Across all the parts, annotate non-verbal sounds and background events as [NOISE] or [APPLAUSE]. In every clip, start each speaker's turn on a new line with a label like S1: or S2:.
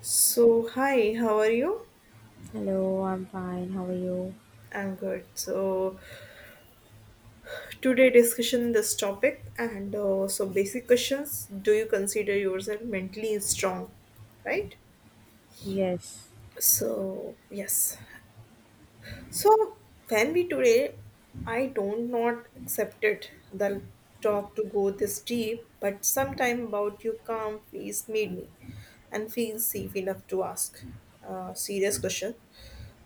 S1: So, hi, how are you?
S2: Hello, I'm fine. How are you?
S1: I'm good. So, today discussion this topic and so basic questions. Do you consider yourself mentally strong? Right?
S2: Yes,
S1: So, yes. So, when we today, I don't not accept it. The talk to go this deep, but sometime about your calm face made me and feel safe enough to ask a serious question.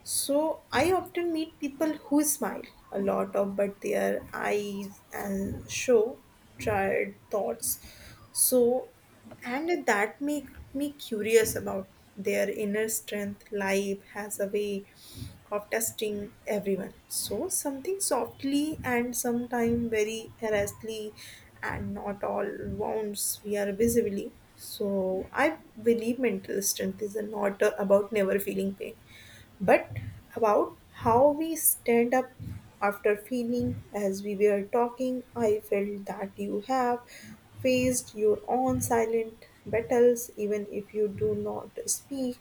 S1: So I often meet people who smile a lot of but their eyes and show tired thoughts. So and that make me curious about their inner strength. Life has a way of testing everyone. So something softly and sometimes very earnestly and not all wounds we are visibly. So I believe mental strength is not about never feeling pain but about how we stand up after feeling as we were talking I felt that you have faced your own silent battles even if you do not speak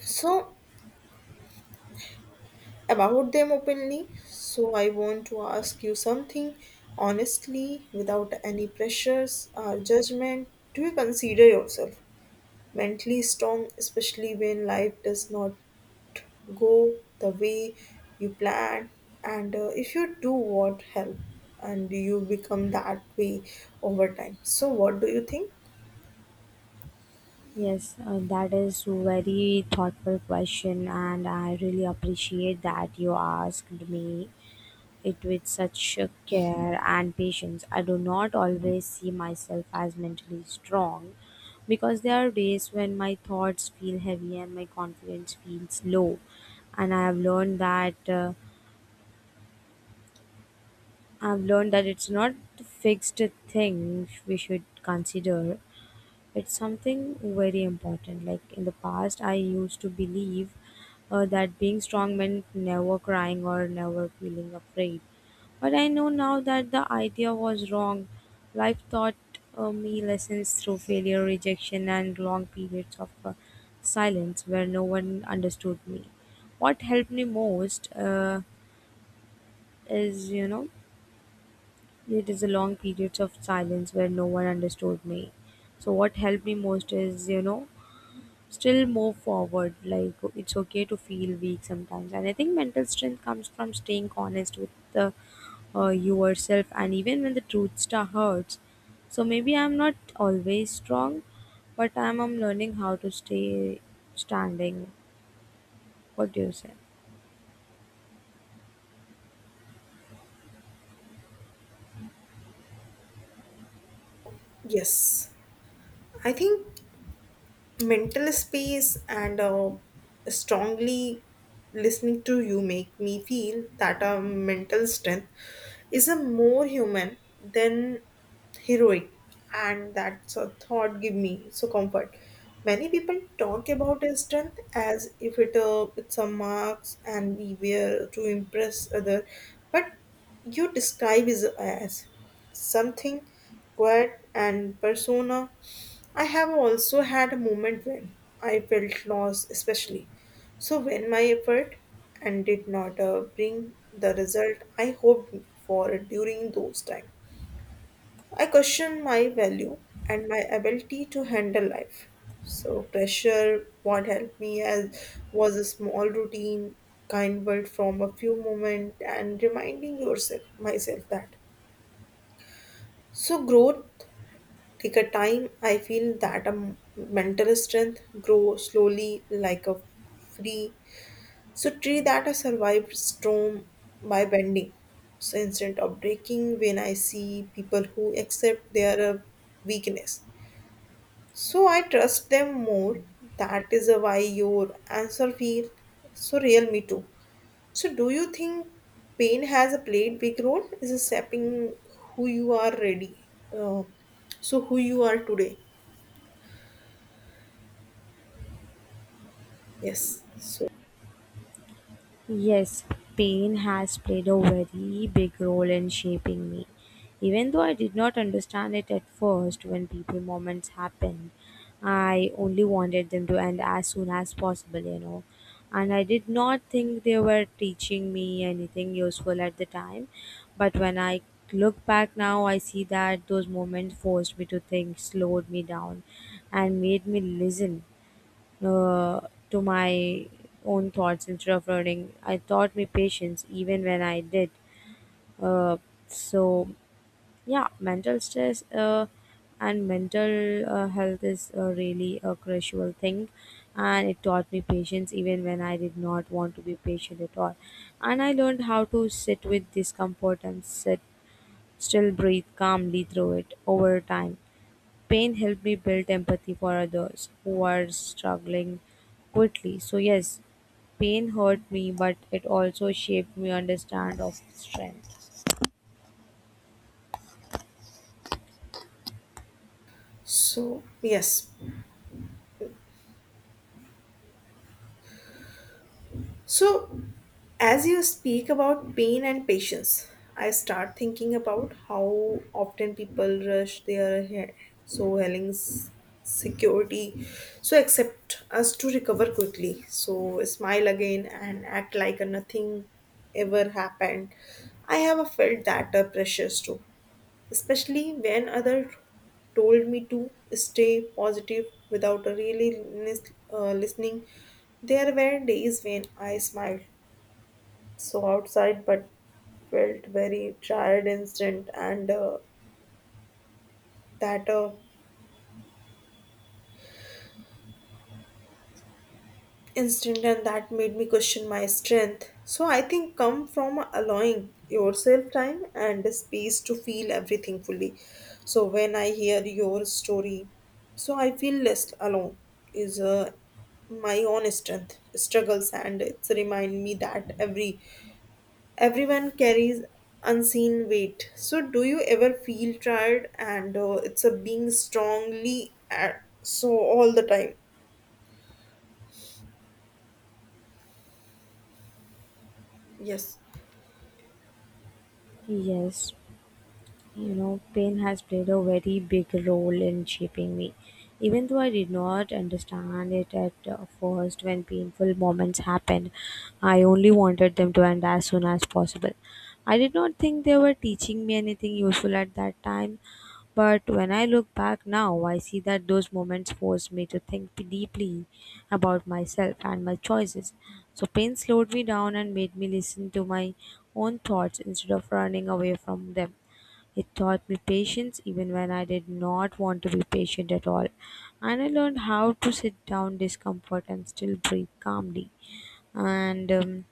S1: so about them openly so I want to ask you something honestly without any pressures or judgment do you consider yourself mentally strong especially when life does not go the way you plan, and if you do want help and you become that way over time so what do you think?
S2: yes, that is very thoughtful question, and I really appreciate that you asked me it with such care and patience. I do not always see myself as mentally strong because there are days when my thoughts feel heavy and my confidence feels low, and I have learned that. I've learned that it's not a fixed thing we should consider. It's something very important. Like in the past, I used to believe that being strong meant never crying or never feeling afraid. But I know now that the idea was wrong. Life taught me lessons through failure, rejection, and long periods of silence where no one understood me. What helped me most is, you know, it is the long periods of silence where no one understood me. So, what helped me most is, you know, still move forward. Like it's okay to feel weak sometimes. And I think mental strength comes from staying honest with the yourself, and even when the truth star hurts. So maybe I'm not always strong, but I'm learning how to stay standing. What do you say?
S1: Yes, I think mental space and strongly listening to you make me feel that our mental strength is a more human than heroic and that's a thought give me so comfort many people talk about a strength as if it's a marks and we wear to impress other but you describe is as something quiet and persona I have also had a moment when I felt lost, especially so when my effort and did not bring the result I hoped for during those times. I questioned my value and my ability to handle life. So pressure, what helped me as was a small routine, kind word from a few moments and reminding yourself myself that. So growth thicker time I feel that mental strength grow slowly like a free so tree that has survived storm by bending so instead of breaking when I see people who accept their weakness so I trust them more that is why your answer feel so real me too so do you think pain has a played big role is it shaping who you are ready uh, so who you are today? Yes. So,
S2: Yes, pain has played a very big role in shaping me. Even though I did not understand it at first when people moments happened, I only wanted them to end as soon as possible, you know. And I did not think they were teaching me anything useful at the time. But when I look back now, I see that those moments forced me to think, slowed me down, and made me listen uh, to my own thoughts instead of running, I taught me patience even when I did. Uh, so, yeah, mental stress and mental health is really a crucial thing. And it taught me patience even when I did not want to be patient at all. And I learned how to sit with discomfort and sit still breathe calmly through it over time. Pain helped me build empathy for others who are struggling quickly. So yes, pain hurt me, but it also shaped me understand of strength.
S1: so yes. So, as you speak about pain and patience, I start thinking about how often people rush their so healings security so accept us to recover quickly so smile again and act like nothing ever happened I have felt that pressures too especially when others told me to stay positive without really listening. There were days when I smiled so outside but felt very tired instant and that instant and that made me question my strength so I think come from allowing yourself time and space to feel everything fully so when I hear your story so I feel less alone is my own strength struggles and it's remind me that everyone carries unseen weight so do you ever feel tired and it's a being strongly at, so all the time? Yes,
S2: Yes, you know, pain has played a very big role in shaping me. Even though I did not understand it at first when painful moments happened, I only wanted them to end as soon as possible. I did not think they were teaching me anything useful at that time, but when I look back now, I see that those moments forced me to think deeply about myself and my choices. So, pain slowed me down and made me listen to my own thoughts instead of running away from them. It taught me patience even when I did not want to be patient at all. And I learned how to sit down discomfort and still breathe calmly. And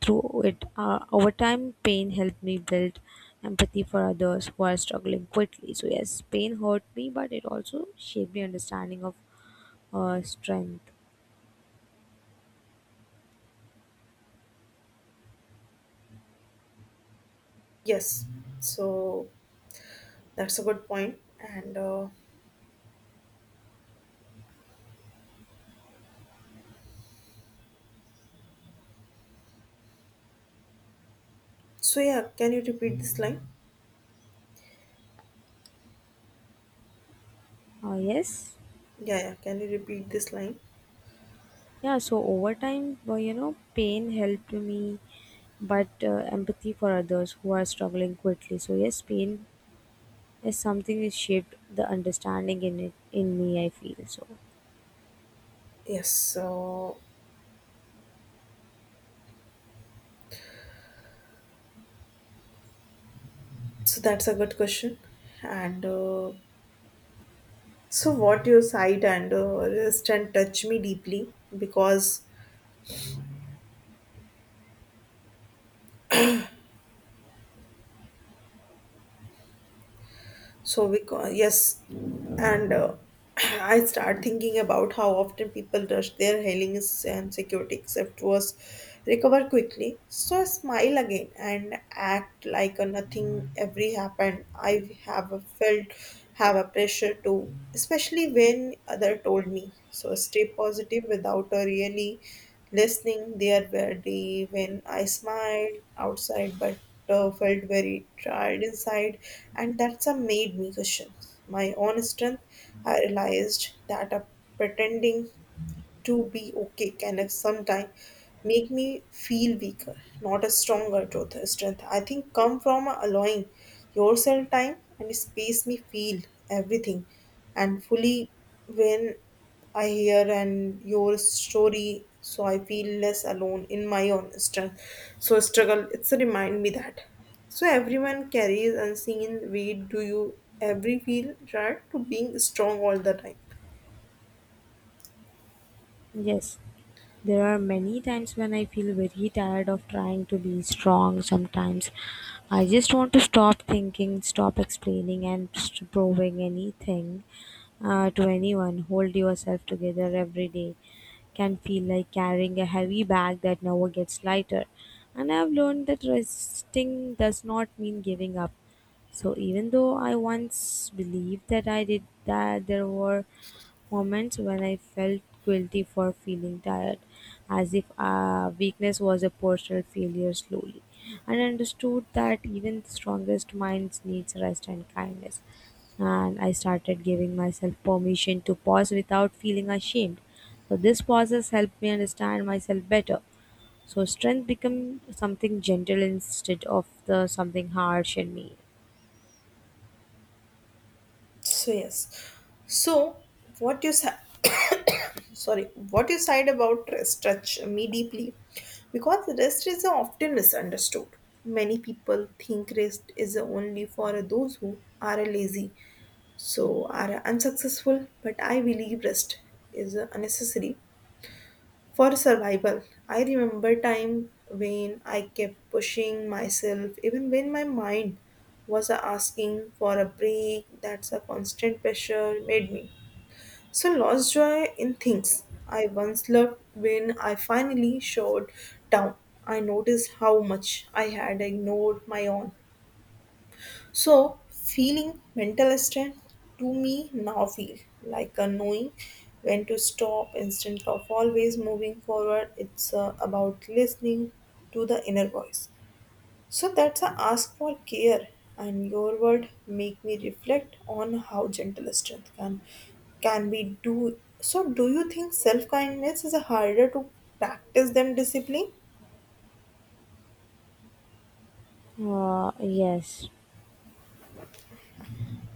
S2: through it, over time, pain helped me build empathy for others who are struggling quickly. So, yes, pain hurt me, but it also shaped my understanding of strength.
S1: yes. So that's a good point. And so, yeah, can you repeat this line?
S2: Uh, yes.
S1: Yeah, yeah, can you repeat this line?
S2: Yeah, so over time, well, you know, pain helped me but empathy for others who are struggling quickly. So, yes, pain as something is shaped the understanding in it in me I feel so.
S1: Yes, so, that's a good question. And so, what you said and wrist and touch me deeply because so we yes, and [CLEARS THROAT] I start thinking about how often people rush their healings and security except was recover quickly. So I smile again and act like a nothing every happened. I have a pressure to, especially when other told me. So stay positive without a really listening, there were days when I smiled outside but felt very tired inside, and that's what made me question my own strength. I realized that pretending to be okay can if sometime make me feel weaker, not a stronger truth, strength. I think come from allowing yourself time and space me feel everything and fully when I hear and your story so I feel less alone in my own strength. So struggle it's a remind me that. So everyone carries unseen weight. Do you every feel tired to being strong all the time?
S2: Yes, there are many times when I feel very tired of trying to be strong sometimes. I just want to stop thinking, stop explaining, and proving anything to anyone. Hold yourself together every day. Can feel like carrying a heavy bag that never gets lighter. And I've learned that resting does not mean giving up. So even though I once believed that I did that, there were moments when I felt guilty for feeling tired, as if weakness was a personal failure slowly. And understood that even the strongest minds needs rest and kindness. And I started giving myself permission to pause without feeling ashamed. So this pauses helped me understand myself better. So strength become something gentle instead of the something harsh in me.
S1: So yes. So what you said [COUGHS] sorry, what you said about rest touched me deeply because rest is often misunderstood. Many people think rest is only for those who are lazy, so are unsuccessful, but I believe rest is unnecessary for survival, I remember time when I kept pushing myself even when my mind was asking for a break that's a constant pressure made me. So lost joy in things I once loved when I finally showed down. I noticed how much I had ignored my own so, feeling mental strength to me now feel like a knowing when to stop instead of always moving forward. It's about listening to the inner voice. So that's a ask for care, and your word make me reflect on how gentle strength can be do. So, do you think self kindness is harder to practice than discipline?
S2: Yes.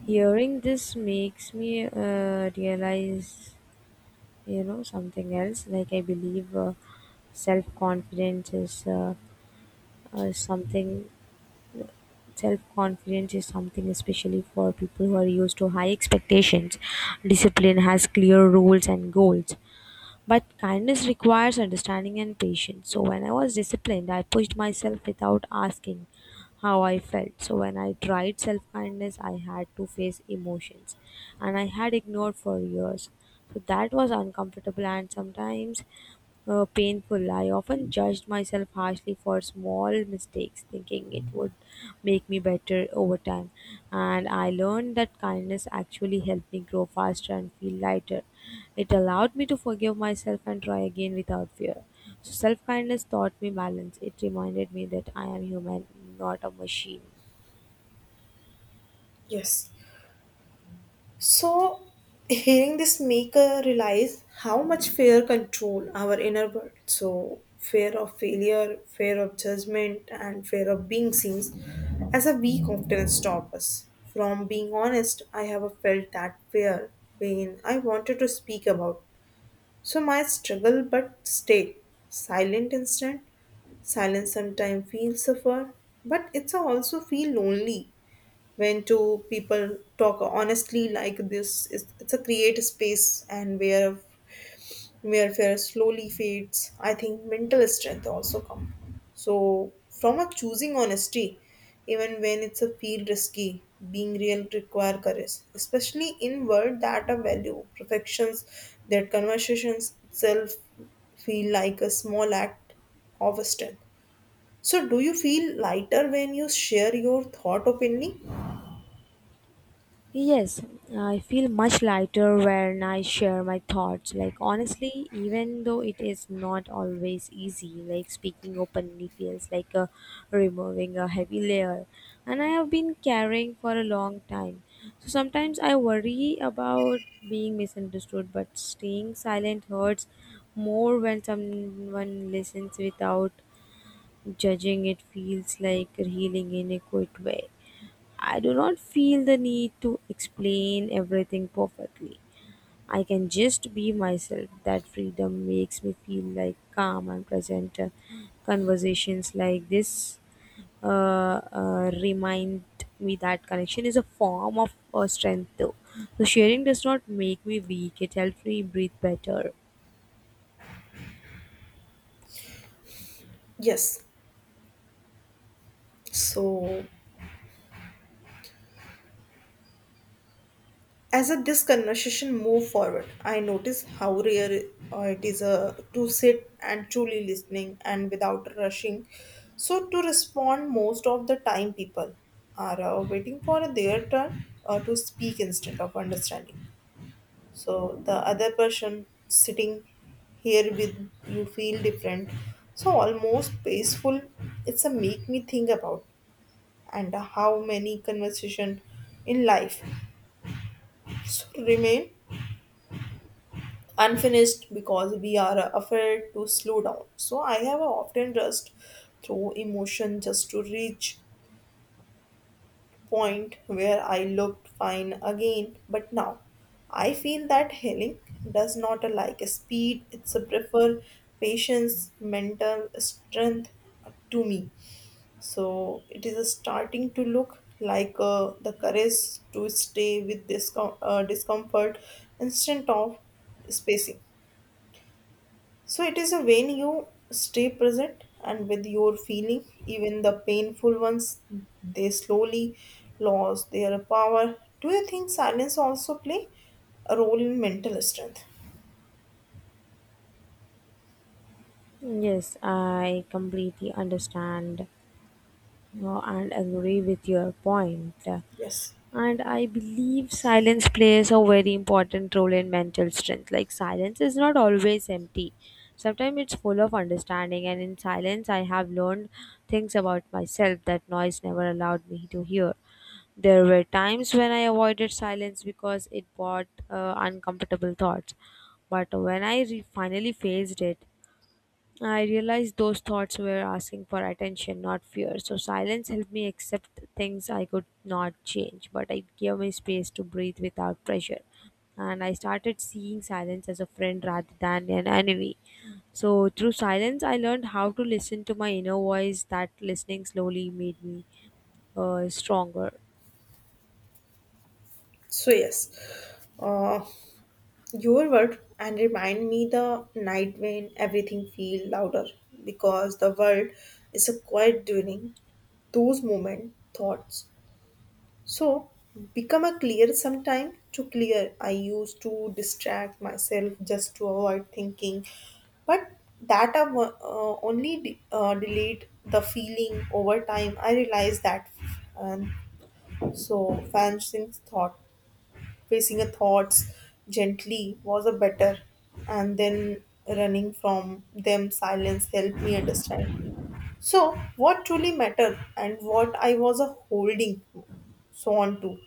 S2: Hearing this makes me realize, you know, something else. Like I believe self-confidence is uh, uh, something. Self-confidence is something especially for people who are used to high expectations. Discipline has clear rules and goals. But kindness requires understanding and patience. So when I was disciplined, I pushed myself without asking how I felt. So when I tried self kindness, I had to face emotions and I had ignored for years. So that was uncomfortable and sometimes painful. I often judged myself harshly for small mistakes, thinking it would make me better over time. And I learned that kindness actually helped me grow faster and feel lighter. It allowed me to forgive myself and try again without fear. So, self kindness taught me balance. It reminded me that I am human, not a machine.
S1: Yes. So, hearing this make realize how much fear control our inner world. So, fear of failure, fear of judgment, and fear of being seen as a weak often stop us. From being honest, I have felt that fear when I wanted to speak about. So, my struggle but stay silent instant. Silence sometimes feels suffer, but it's also feel lonely when two people talk honestly like this it's a create space and where fear slowly fades I think mental strength also come so from a choosing honesty even when it's a feel risky being real require courage especially in world that are value perfections that conversations itself feel like a small act of strength so do you feel lighter when you share your thought openly?
S2: Yes, I feel much lighter when I share my thoughts. Like, honestly, even though it is not always easy, like speaking openly feels like removing a heavy layer. And I have been carrying for a long time. So sometimes I worry about being misunderstood, but staying silent hurts more when someone listens without judging. It feels like healing in a quiet way. I do not feel the need to explain everything perfectly. I can just be myself. That freedom makes me feel like calm and present. Conversations like this uh, remind me that connection is a form of strength, though. So sharing does not make me weak. It helps me breathe better.
S1: Yes. So, as a, this conversation move forward, I notice how rare it is to sit and truly listening and without rushing. So, to respond, most of the time people are waiting for their turn to speak instead of understanding. So, the other person sitting here with you feel different. So, almost peaceful. It's a make me think about and how many conversation in life remain unfinished because we are afraid to slow down. So I have often rushed through emotion just to reach point where I looked fine again. But now I feel that healing does not like speed, it's a prefer patience, mental strength to me. So it is starting to look like the courage to stay with this discomfort instead of spacing. So it is a when you stay present and with your feeling, even the painful ones, they slowly lose their power. Do you think silence also play a role in mental strength?
S2: Yes, I completely understand. No, and agree with your point.
S1: Yes.
S2: And I believe silence plays a very important role in mental strength. Like, silence is not always empty, sometimes it's full of understanding. And in silence, I have learned things about myself that noise never allowed me to hear. There were times when I avoided silence because it brought uncomfortable thoughts. But when I finally faced it, I realized those thoughts were asking for attention, not fear. So silence helped me accept things I could not change, but it gave me space to breathe without pressure. And I started seeing silence as a friend rather than an enemy. So through silence, I learned how to listen to my inner voice. That listening slowly made me stronger.
S1: So yes, uh, your word and remind me the night when everything feel louder because the world is a quiet during those moment thoughts so, become a clear sometime to clear. I used to distract myself just to avoid thinking, but that I only delayed the feeling over time. I realized that, and so facing thought, facing a thoughts gently was a better, and then running from them silence helped me understand so, what truly mattered and what I was a holding so on to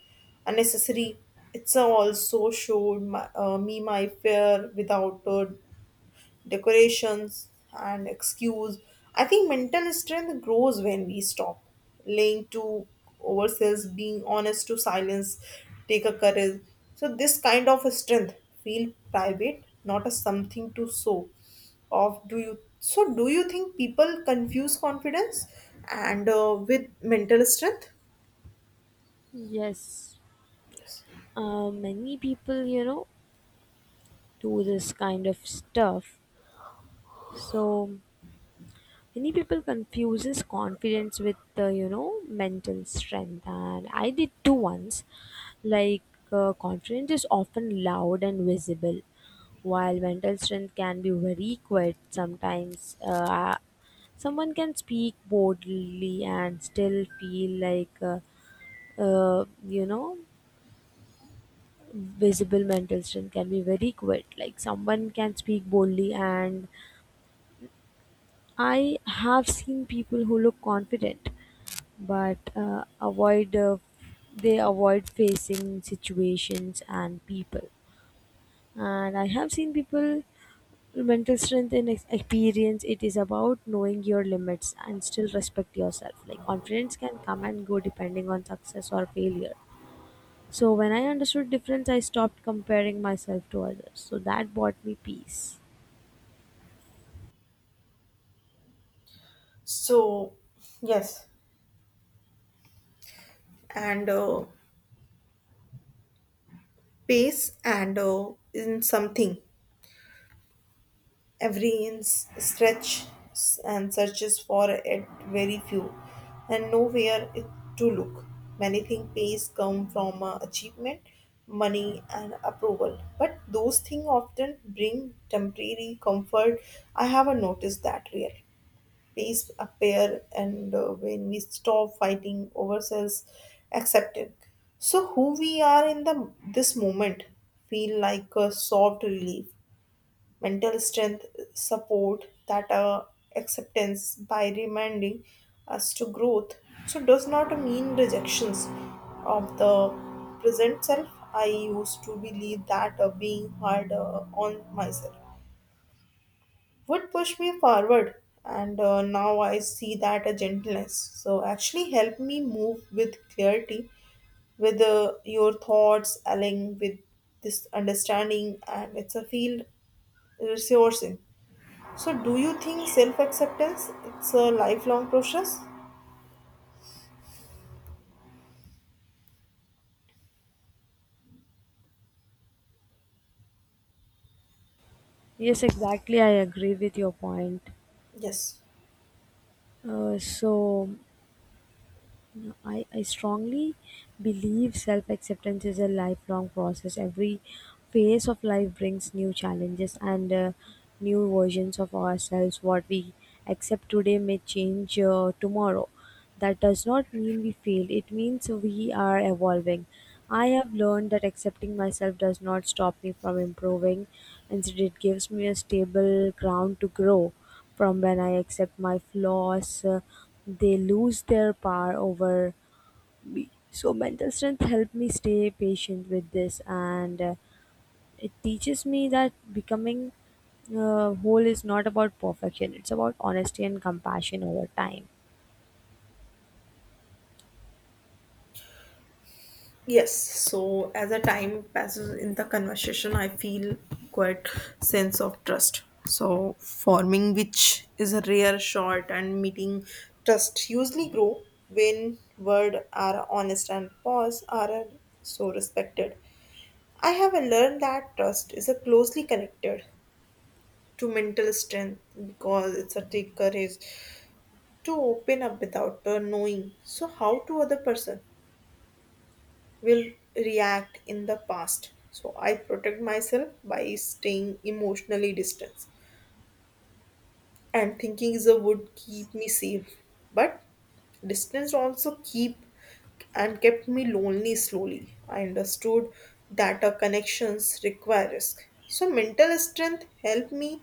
S1: unnecessary. It's a also showed my, me my fear without decorations and excuse. I think mental strength grows when we stop lying to ourselves, being honest to silence, take a courage. So this kind of strength feel private, not as something to show off. Do you so? Do you think people confuse confidence and with mental strength?
S2: Yes, many people, you know, do this kind of stuff. So many people confuses confidence with you know mental strength, and I did too once. Like confidence is often loud and visible, while mental strength can be very quiet sometimes. Someone can speak boldly and still feel like you know Visible mental strength can be very quiet, like someone can speak boldly, and I have seen people who look confident but avoid they avoid facing situations and people, and I have seen people mental strength and experience it is about knowing your limits and still respect yourself. Like confidence can come and go depending on success or failure. So when I understood difference, I stopped comparing myself to others, so that brought me peace.
S1: So yes, and pace and in something. Every inch stretch and searches for it very few, and nowhere it to look. Many think pays come from achievement, money, and approval, but those things often bring temporary comfort. I haven't noticed that real pays appear, and when we stop fighting ourselves, accepting. So who we are in the this moment feel like a soft relief mental strength support that acceptance by reminding us to growth so does not mean rejections of the present self I used to believe that being hard on myself would push me forward and now I see that a gentleness so actually help me move with clarity with your thoughts aligning with this understanding and it's a field resourcing so, do you think self acceptance it's a lifelong process?
S2: Yes, exactly, I agree with your point.
S1: Yes.
S2: Uh, so No, I, I strongly believe self acceptance is a lifelong process. Every phase of life brings new challenges and new versions of ourselves. What we accept today may change tomorrow. That does not mean we failed, it means we are evolving. I have learned that accepting myself does not stop me from improving, instead, it gives me a stable ground to grow. From when I accept my flaws, they lose their power over me. So, mental strength helped me stay patient with this, and it teaches me that becoming whole is not about perfection, it's about honesty and compassion over time.
S1: Yes. So as the time passes in the conversation, I feel quite sense of trust. So forming which is a rare short and meeting trust usually grow when word are honest and pause are so respected. I have learned that trust is a closely connected to mental strength because it's a take courage to open up without knowing so how to other person will react in the past so I protect myself by staying emotionally distant and thinking is a would keep me safe but distance also keep and kept me lonely slowly I understood that a connections require risk so mental strength helped me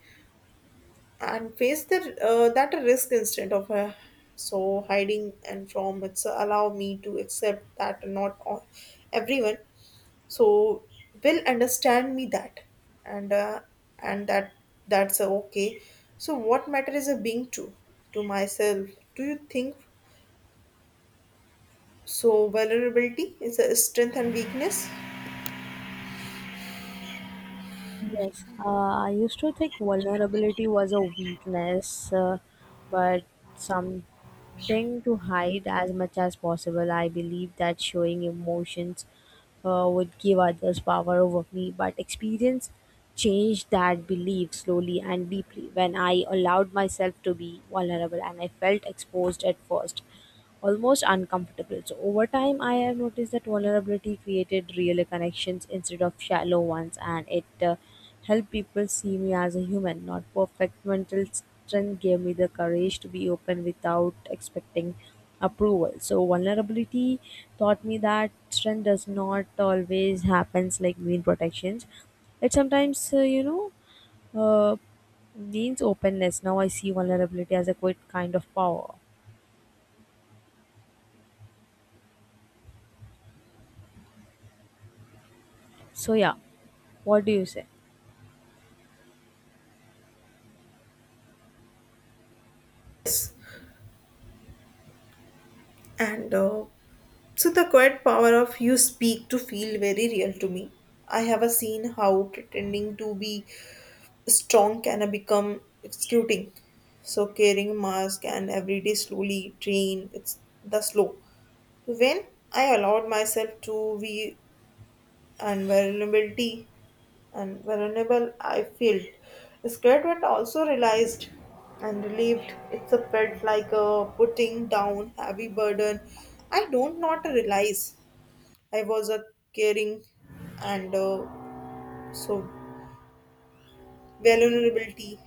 S1: and face the that risk instead of so hiding and from it's allow me to accept that not all, everyone so will understand me that and uh, and that that's okay so what matter is a being true to myself. Do you think so vulnerability is a strength and weakness
S2: Yes, I used to think vulnerability was a weakness, but something to hide as much as possible. I believe that showing emotions would give others power over me, but experience changed that belief slowly and deeply when I allowed myself to be vulnerable, and I felt exposed at first, almost uncomfortable. So, over time, I have noticed that vulnerability created real connections instead of shallow ones, and it helped people see me as a human, not perfect. Mental strength gave me the courage to be open without expecting approval. So vulnerability taught me that strength does not always happens like mean protections. It sometimes uh, means openness. Now I see vulnerability as a quite kind of power. So yeah, what do you say?
S1: and so the quiet power of you speak to feel very real to me. I have a seen how pretending to be strong can become executing. So carrying mask and every day slowly train. It's the slow. When I allowed myself to be and vulnerability and vulnerable, I felt scared but also realized and relieved. It's a felt like a putting down heavy burden. I don't not realize I was a caring and so vulnerability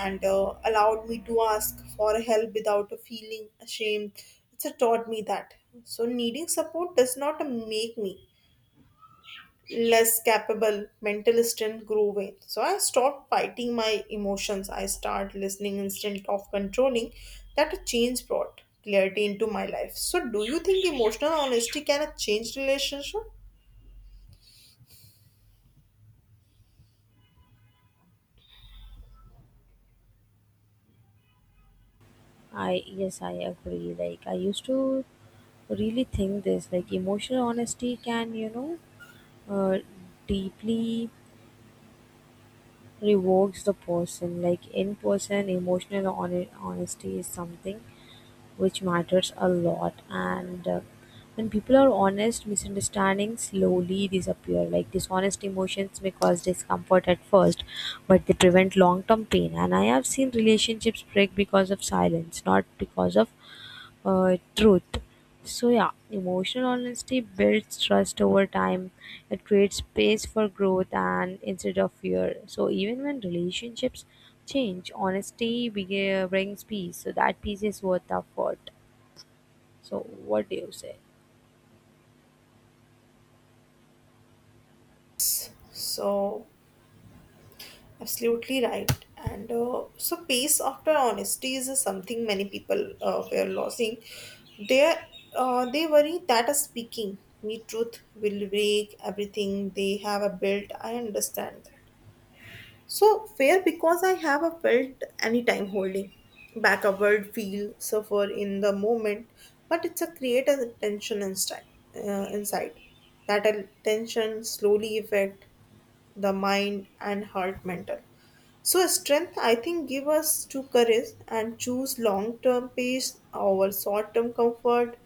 S1: and allowed me to ask for help without feeling ashamed. It's a taught me that. So, needing support does not make me less capable, mental strength grew with. So, I stopped fighting my emotions. I start listening instead of controlling. That a change brought clarity into my life. So, do you think emotional honesty can change relationship?
S2: I yes I agree. Like I used to really think this, like emotional honesty can, you know, uh, deeply revokes the person, like in person emotional honesty is something which matters a lot. And when people are honest, misunderstandings slowly disappear. Like dishonest emotions may cause discomfort at first, but they prevent long term pain. And I have seen relationships break because of silence, not because of truth. So, yeah, emotional honesty builds trust over time. It creates space for growth and instead of fear. So, even when relationships change, honesty brings peace. So, that peace is worth the effort. So, what do you say?
S1: So, absolutely right. And So, peace after honesty is something many people were losing. They they worry that speaking me truth will break everything they have built. I understand that. So fair because I have a felt anytime holding back a word, feel, suffer in the moment, but it's a create a tension inside. That a tension slowly effect the mind and heart mental. So strength I think give us to courage and choose long term peace over short term comfort.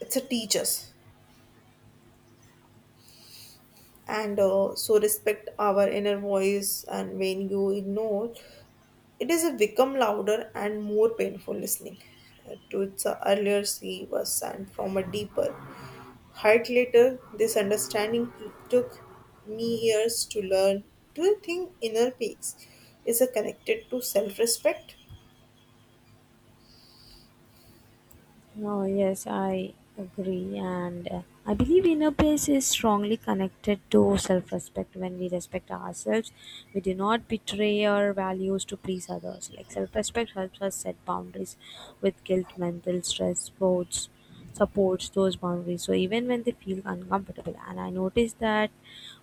S1: It's a teach and so respect our inner voice and when you ignore it is a become louder and more painful listening to its earlier see was and from a deeper heart later, this understanding took me years to learn. Do you think inner peace is a connected to self respect?
S2: Oh, yes, I agree. And I believe inner peace is strongly connected to self respect. When we respect ourselves, we do not betray our values to please others. Like self respect helps us set boundaries with guilt, mental stress, sports. Supports those boundaries. So even when they feel uncomfortable, and I noticed that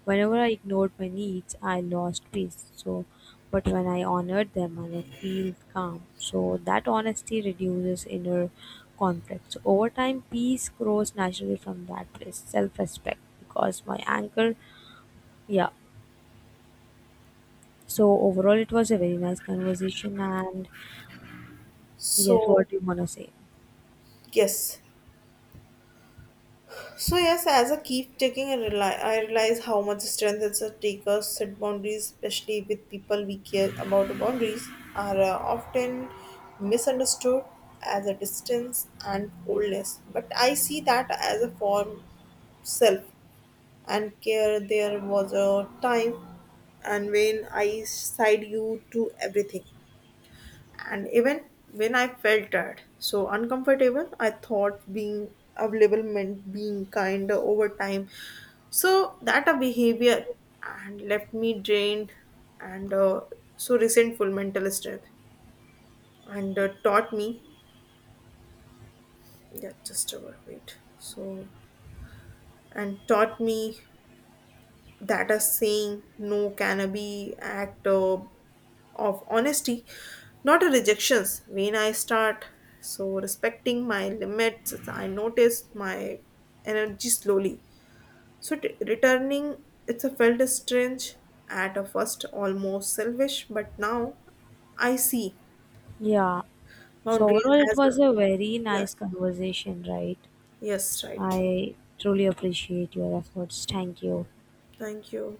S2: whenever I ignored my needs, I lost peace. So, but when I honored them and I feel calm, so that honesty reduces inner conflict. So over time, peace grows naturally from that place, self-respect, because my anchor, yeah. So overall, it was a very nice conversation, and yes,
S1: So
S2: what do you wanna say?
S1: yes. So yes, as I keep taking I realize how much strength it's a take us set boundaries, especially with people we care about the boundaries are often misunderstood as a distance and coldness. But I see that as a form self and care there was a time and when I sighed you to everything. And even when I felt tired, so uncomfortable, I thought being available meant being kind over time. So that a behavior and left me drained and so resentful mental strength and taught me yeah just a wait so and taught me that a saying no can be act of honesty, not a rejections. When I start so respecting my limits, I notice my energy slowly. So t- returning, it's a felt strange at a first, almost selfish, but now I see
S2: Yeah. So
S1: boundaries
S2: overall, it
S1: as a
S2: was a very nice
S1: yes,
S2: conversation, right?
S1: yes, right.
S2: I truly appreciate your efforts. Thank you.
S1: Thank you.